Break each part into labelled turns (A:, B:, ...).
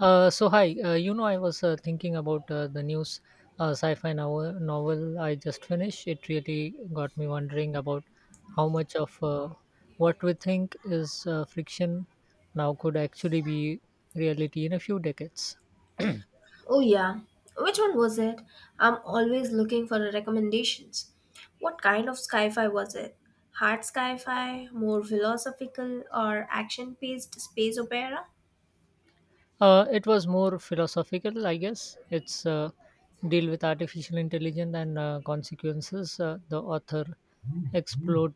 A: So hi, I was thinking about the news sci-fi novel I just finished. It really got me wondering about how much of what we think is fiction now could actually be reality in a few decades.
B: Oh, yeah. Which one was it? I'm always looking for the recommendations. What kind of sci fi was it? Hard sci fi, more philosophical, or action paced space opera?
A: It was more philosophical, I guess. It's deal with artificial intelligence and consequences. The author explored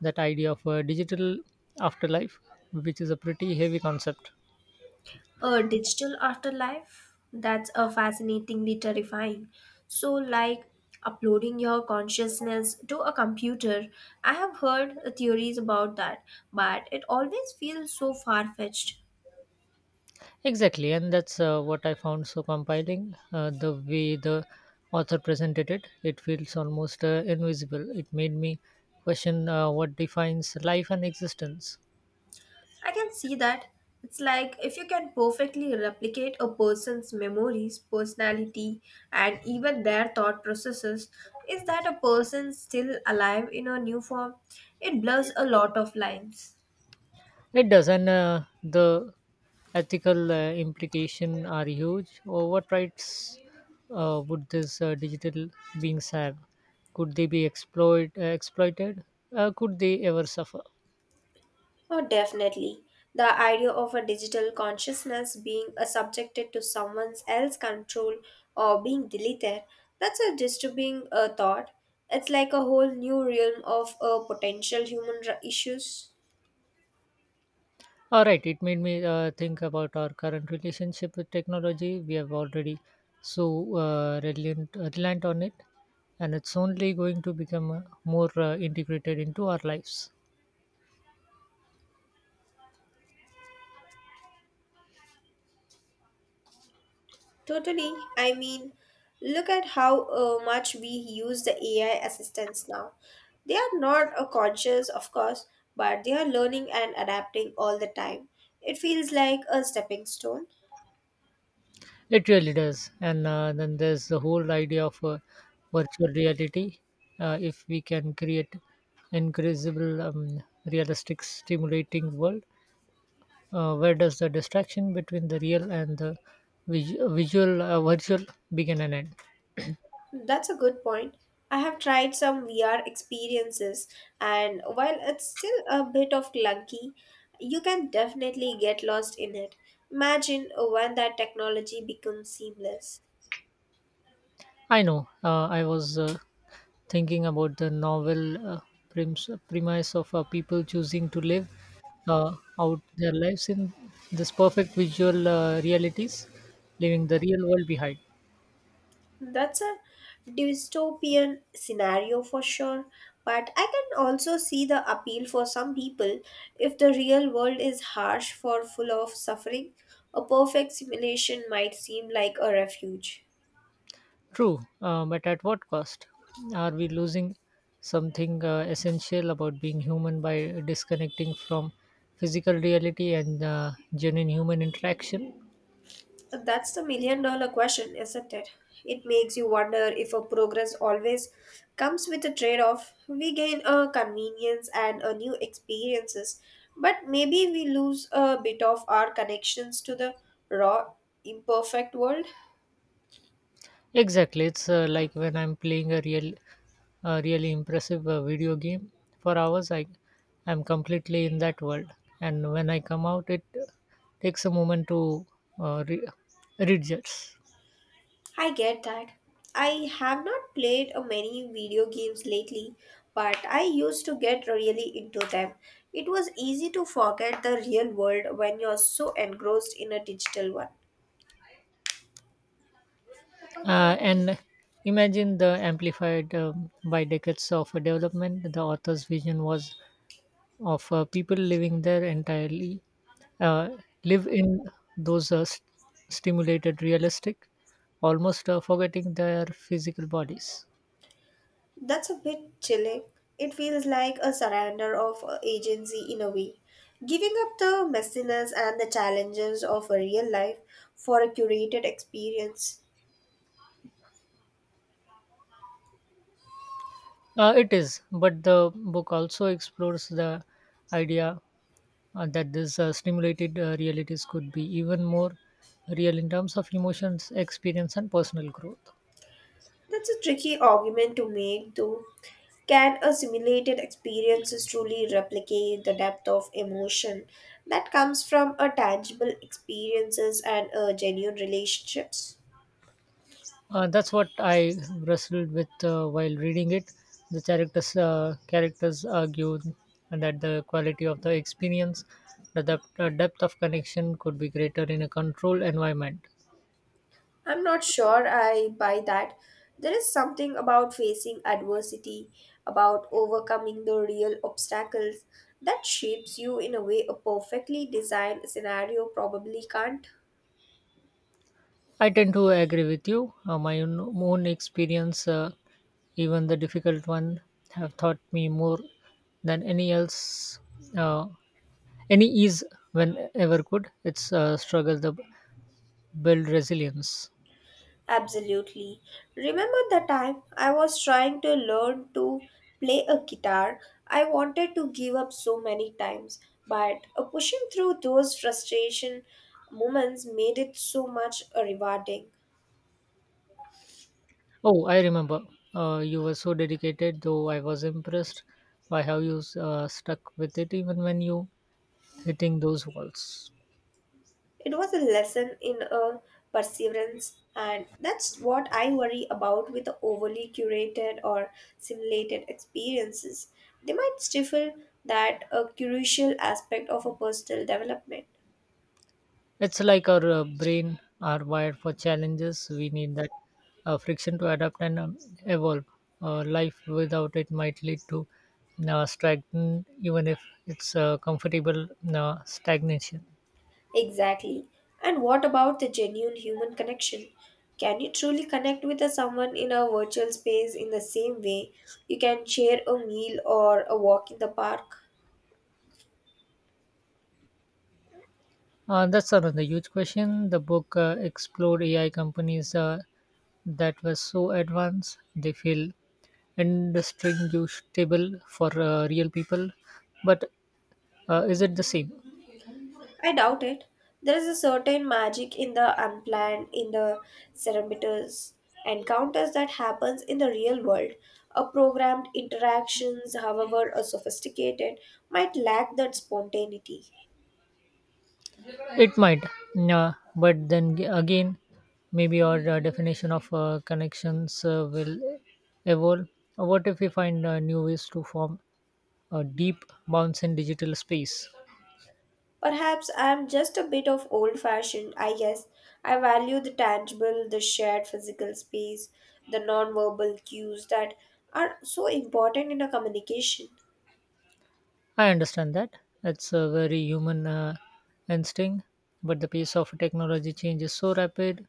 A: that idea of a digital afterlife, which is a pretty heavy concept.
B: A digital afterlife? That's a fascinatingly terrifying. So, like uploading your consciousness to a computer, I have heard theories about that, but it always feels so far fetched.
A: Exactly, and that's what I found so compiling. The way the author presented it, it feels almost invisible. It made me question what defines life and existence.
B: I can see that. It's like if you can perfectly replicate a person's memories, personality, and even their thought processes, is that a person still alive in a new form? It blurs a lot of lines.
A: It does, and the ethical implication are huge. Or what rights would these digital beings have? Could they be exploited? Could they ever suffer?
B: Oh, definitely. The idea of a digital consciousness being subjected to someone else's control or being deleted, that's a disturbing thought. It's like a whole new realm of potential issues.
A: Alright, it made me think about our current relationship with technology. We have already so reliant on it, and it's only going to become more integrated into our lives.
B: Totally. I mean, look at how much we use the AI assistants now. They are not conscious, of course, but they are learning and adapting all the time. It feels like a stepping stone.
A: It really does. And then there's the whole idea of virtual reality. If we can create incredible, realistic, stimulating world, where does the distraction between the real and the virtual begin and end?
B: That's a good point. I have tried some VR experiences, and while it's still a bit of clunky, you can definitely get lost in it. Imagine when that technology becomes seamless.
A: I know. I was thinking about the novel premise of people choosing to live out their lives in this perfect visual realities, leaving the real world behind.
B: That's a dystopian scenario for sure, but I can also see the appeal for some people if the real world is harsh for full of suffering. A perfect simulation might seem like a refuge.
A: True, but at what cost? Are we losing something essential about being human by disconnecting from physical reality and genuine human interaction?
B: That's the million dollar question, isn't it? It makes you wonder if a progress always comes with a trade off. We gain a convenience and a new experiences, but maybe we lose a bit of our connections to the raw, imperfect world.
A: Exactly. It's like when I'm playing a really impressive video game for hours I am completely in that world, and when I come out it takes a moment to uh, re- readjust.
B: I get that. I have not played many video games lately, but I used to get really into them. It was easy to forget the real world when you're so engrossed in a digital one.
A: And imagine the amplified, by decades of development the author's vision was of people living there entirely, uh, live in those stimulated realistic, almost forgetting their physical bodies.
B: That's a bit chilling. It feels like a surrender of agency in a way. Giving up the messiness and the challenges of a real life for a curated experience.
A: It is, but the book also explores the idea that this stimulated realities could be even more real in terms of emotions, experience, and personal growth.
B: That's a tricky argument to make, though. Can a simulated experience truly replicate the depth of emotion that comes from a tangible experiences and a genuine relationships?
A: That's what I wrestled with while reading it. The characters argued that the quality of the experience, the depth of connection, could be greater in a controlled environment.
B: I'm not sure I buy that. There is something about facing adversity, about overcoming the real obstacles that shapes you in a way a perfectly designed scenario probably can't.
A: I tend to agree with you. My own experience, even the difficult one, have taught me more than any else. Uh, any ease when ever could. It's a struggle to build resilience.
B: Absolutely. Remember the time I was trying to learn to play a guitar? I wanted to give up so many times, but pushing through those frustration moments made it so much rewarding.
A: Oh, I remember. You were so dedicated, though I was impressed by how you stuck with it even when you hitting those walls.
B: It was a lesson in perseverance, and that's what I worry about with the overly curated or simulated experiences. They might stifle that crucial aspect of a personal development.
A: It's like our brain are wired for challenges. We need that friction to adapt and evolve. Life without it might lead to stagnant, even if it's comfortable stagnation.
B: Exactly. And what about the genuine human connection? Can you truly connect with a someone in a virtual space in the same way you can share a meal or a walk in the park?
A: That's another huge question. The book explored AI companies that were so advanced they feel indistinguishable for real people. But is it the same?
B: I doubt it. There is a certain magic in the unplanned, in the serendipitous encounters that happens in the real world. A programmed interactions, however sophisticated, might lack that spontaneity.
A: It might, yeah, but then again, maybe our definition of connections will evolve. What if we find new ways to form a deep bounce in digital space?
B: Perhaps I am just a bit of old fashioned, I guess. I value the tangible, the shared physical space, the non-verbal cues that are so important in a communication.
A: I understand that. It's a very human instinct, but the pace of technology change is so rapid.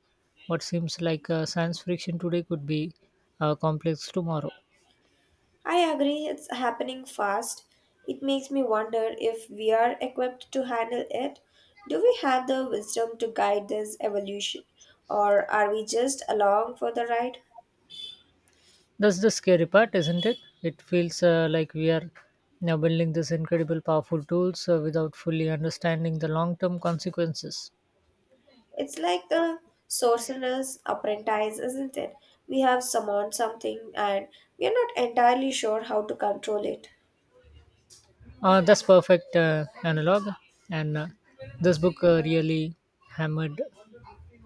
A: What seems like science fiction today could be complex tomorrow.
B: I agree, it's happening fast. It makes me wonder if we are equipped to handle it. Do we have the wisdom to guide this evolution, or are we just along for the ride?
A: That's the scary part, isn't it? It feels like we are now building these incredible, powerful tools without fully understanding the long-term consequences.
B: It's like the sorcerer's apprentice, isn't it? We have summoned something and we are not entirely sure how to control it.
A: That's perfect analog, and this book really hammered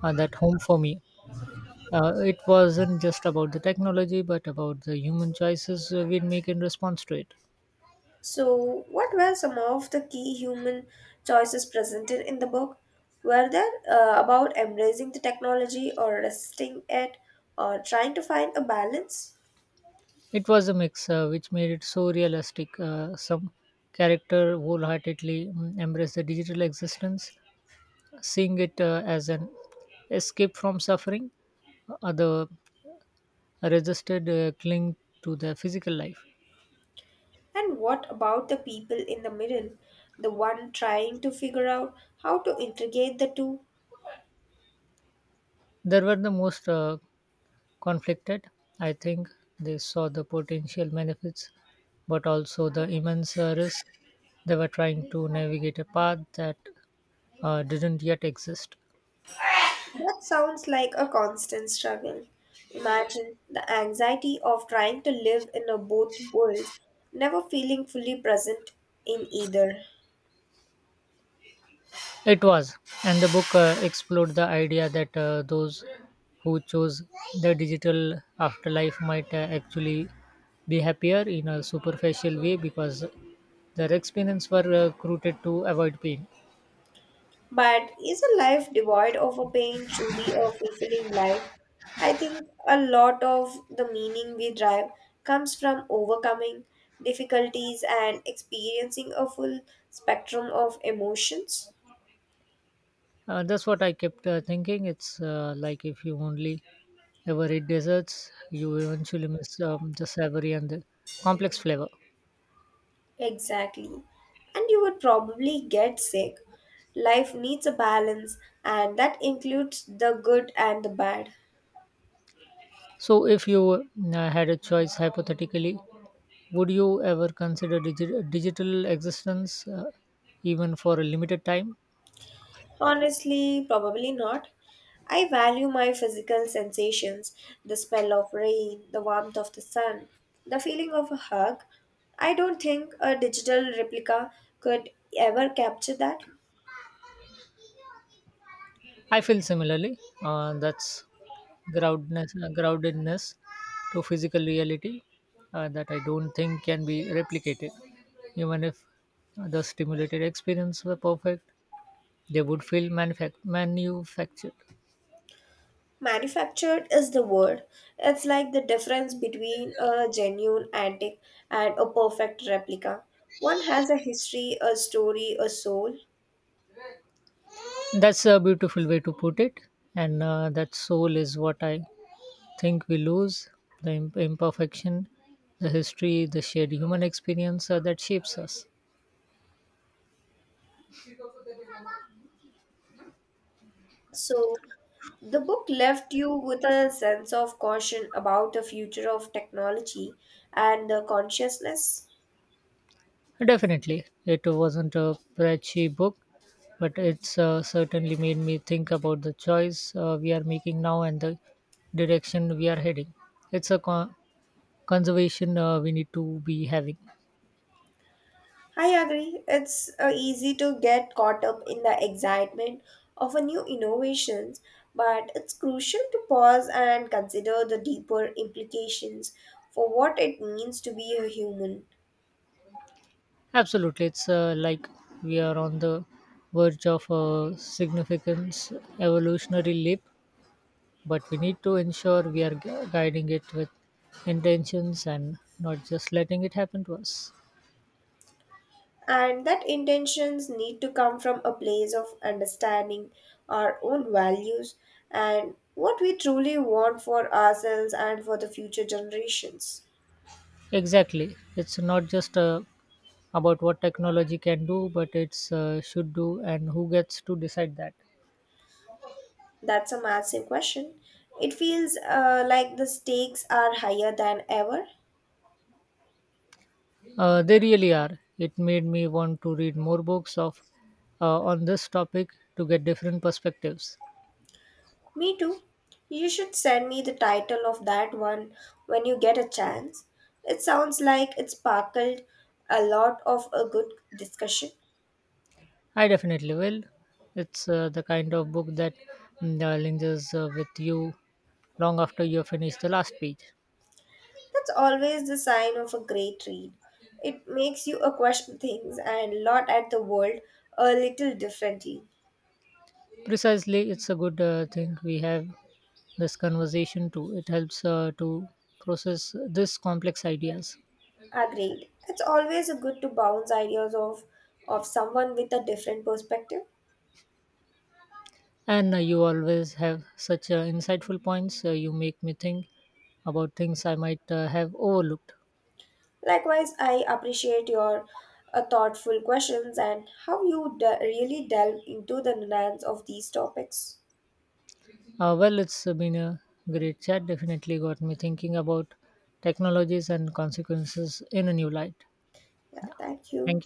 A: that home for me. It wasn't just about the technology, but about the human choices we make in response to it.
B: So, what were some of the key human choices presented in the book? Were there about embracing the technology or resisting it or trying to find a balance?
A: It was a mix, which made it so realistic. Some character wholeheartedly embraced the digital existence, seeing it as an escape from suffering. Other resisted, cling to their physical life.
B: And what about the people in the middle, the one trying to figure out how to integrate the two?
A: They were the most conflicted. I think they saw the potential benefits, but also the immense risk. They were trying to navigate a path that didn't yet exist.
B: That sounds like a constant struggle. Imagine the anxiety of trying to live in a both worlds, never feeling fully present in either.
A: It was, and the book explored the idea that those who chose the digital afterlife might actually be happier in a superficial way because their experience were created to avoid pain.
B: But is a life devoid of a pain truly a fulfilling life? I think a lot of the meaning we drive comes from overcoming difficulties and experiencing a full spectrum of emotions.
A: That's what I kept thinking. It's like if you only ever eat desserts, you eventually miss the savory and the complex flavor.
B: Exactly. And you would probably get sick. Life needs a balance, and that includes the good and the bad.
A: So, if you had a choice hypothetically, would you ever consider digital existence even for a limited time?
B: Honestly, probably not. I value my physical sensations, the smell of rain, the warmth of the sun, the feeling of a hug. I don't think a digital replica could ever capture that.
A: I feel similarly. That's groundedness, groundedness to physical reality that I don't think can be replicated. Even if the stimulated experience were perfect, they would feel manufactured.
B: Manufactured is the word. It's like the difference between a genuine antique and a perfect replica. One has a history, a story, a soul.
A: That's a beautiful way to put it, and that soul is what I think we lose the imperfection, the history, the shared human experience that shapes us.
B: So, the book left you with a sense of caution about the future of technology and the consciousness.
A: Definitely, it wasn't a preachy book, but it's certainly made me think about the choice we are making now and the direction we are heading. It's a conservation we need to be having.
B: I agree. It's easy to get caught up in the excitement of a new innovations, but it's crucial to pause and consider the deeper implications for what it means to be a human.
A: Absolutely, it's like we are on the verge of a significant evolutionary leap, but we need to ensure we are guiding it with intentions and not just letting it happen to us.
B: And that intentions need to come from a place of understanding our own values and what we truly want for ourselves and for the future generations.
A: Exactly, it's not just about what technology can do, but it's should do and who gets to decide that.
B: That's a massive question. It feels like the stakes are higher than ever.
A: They really are. It made me want to read more books of on this topic to get different perspectives.
B: Me too. You should send me the title of that one when you get a chance. It sounds like it sparkled a lot of a good discussion.
A: I definitely will. It's the kind of book that lingers with you long after you have finished the last page.
B: That's always the sign of a great read. It makes you question things and lot at the world a little differently.
A: Precisely, it's a good thing we have this conversation too. It helps to process this complex ideas.
B: Agreed. It's always a good to bounce ideas off of someone with a different perspective.
A: And you always have such insightful points. You make me think about things I might have overlooked.
B: Likewise, I appreciate your thoughtful questions and how you really delve into the nuance of these topics.
A: Well, it's been a great chat. Definitely got me thinking about technologies and consequences in a new light.
B: Yeah, thank you.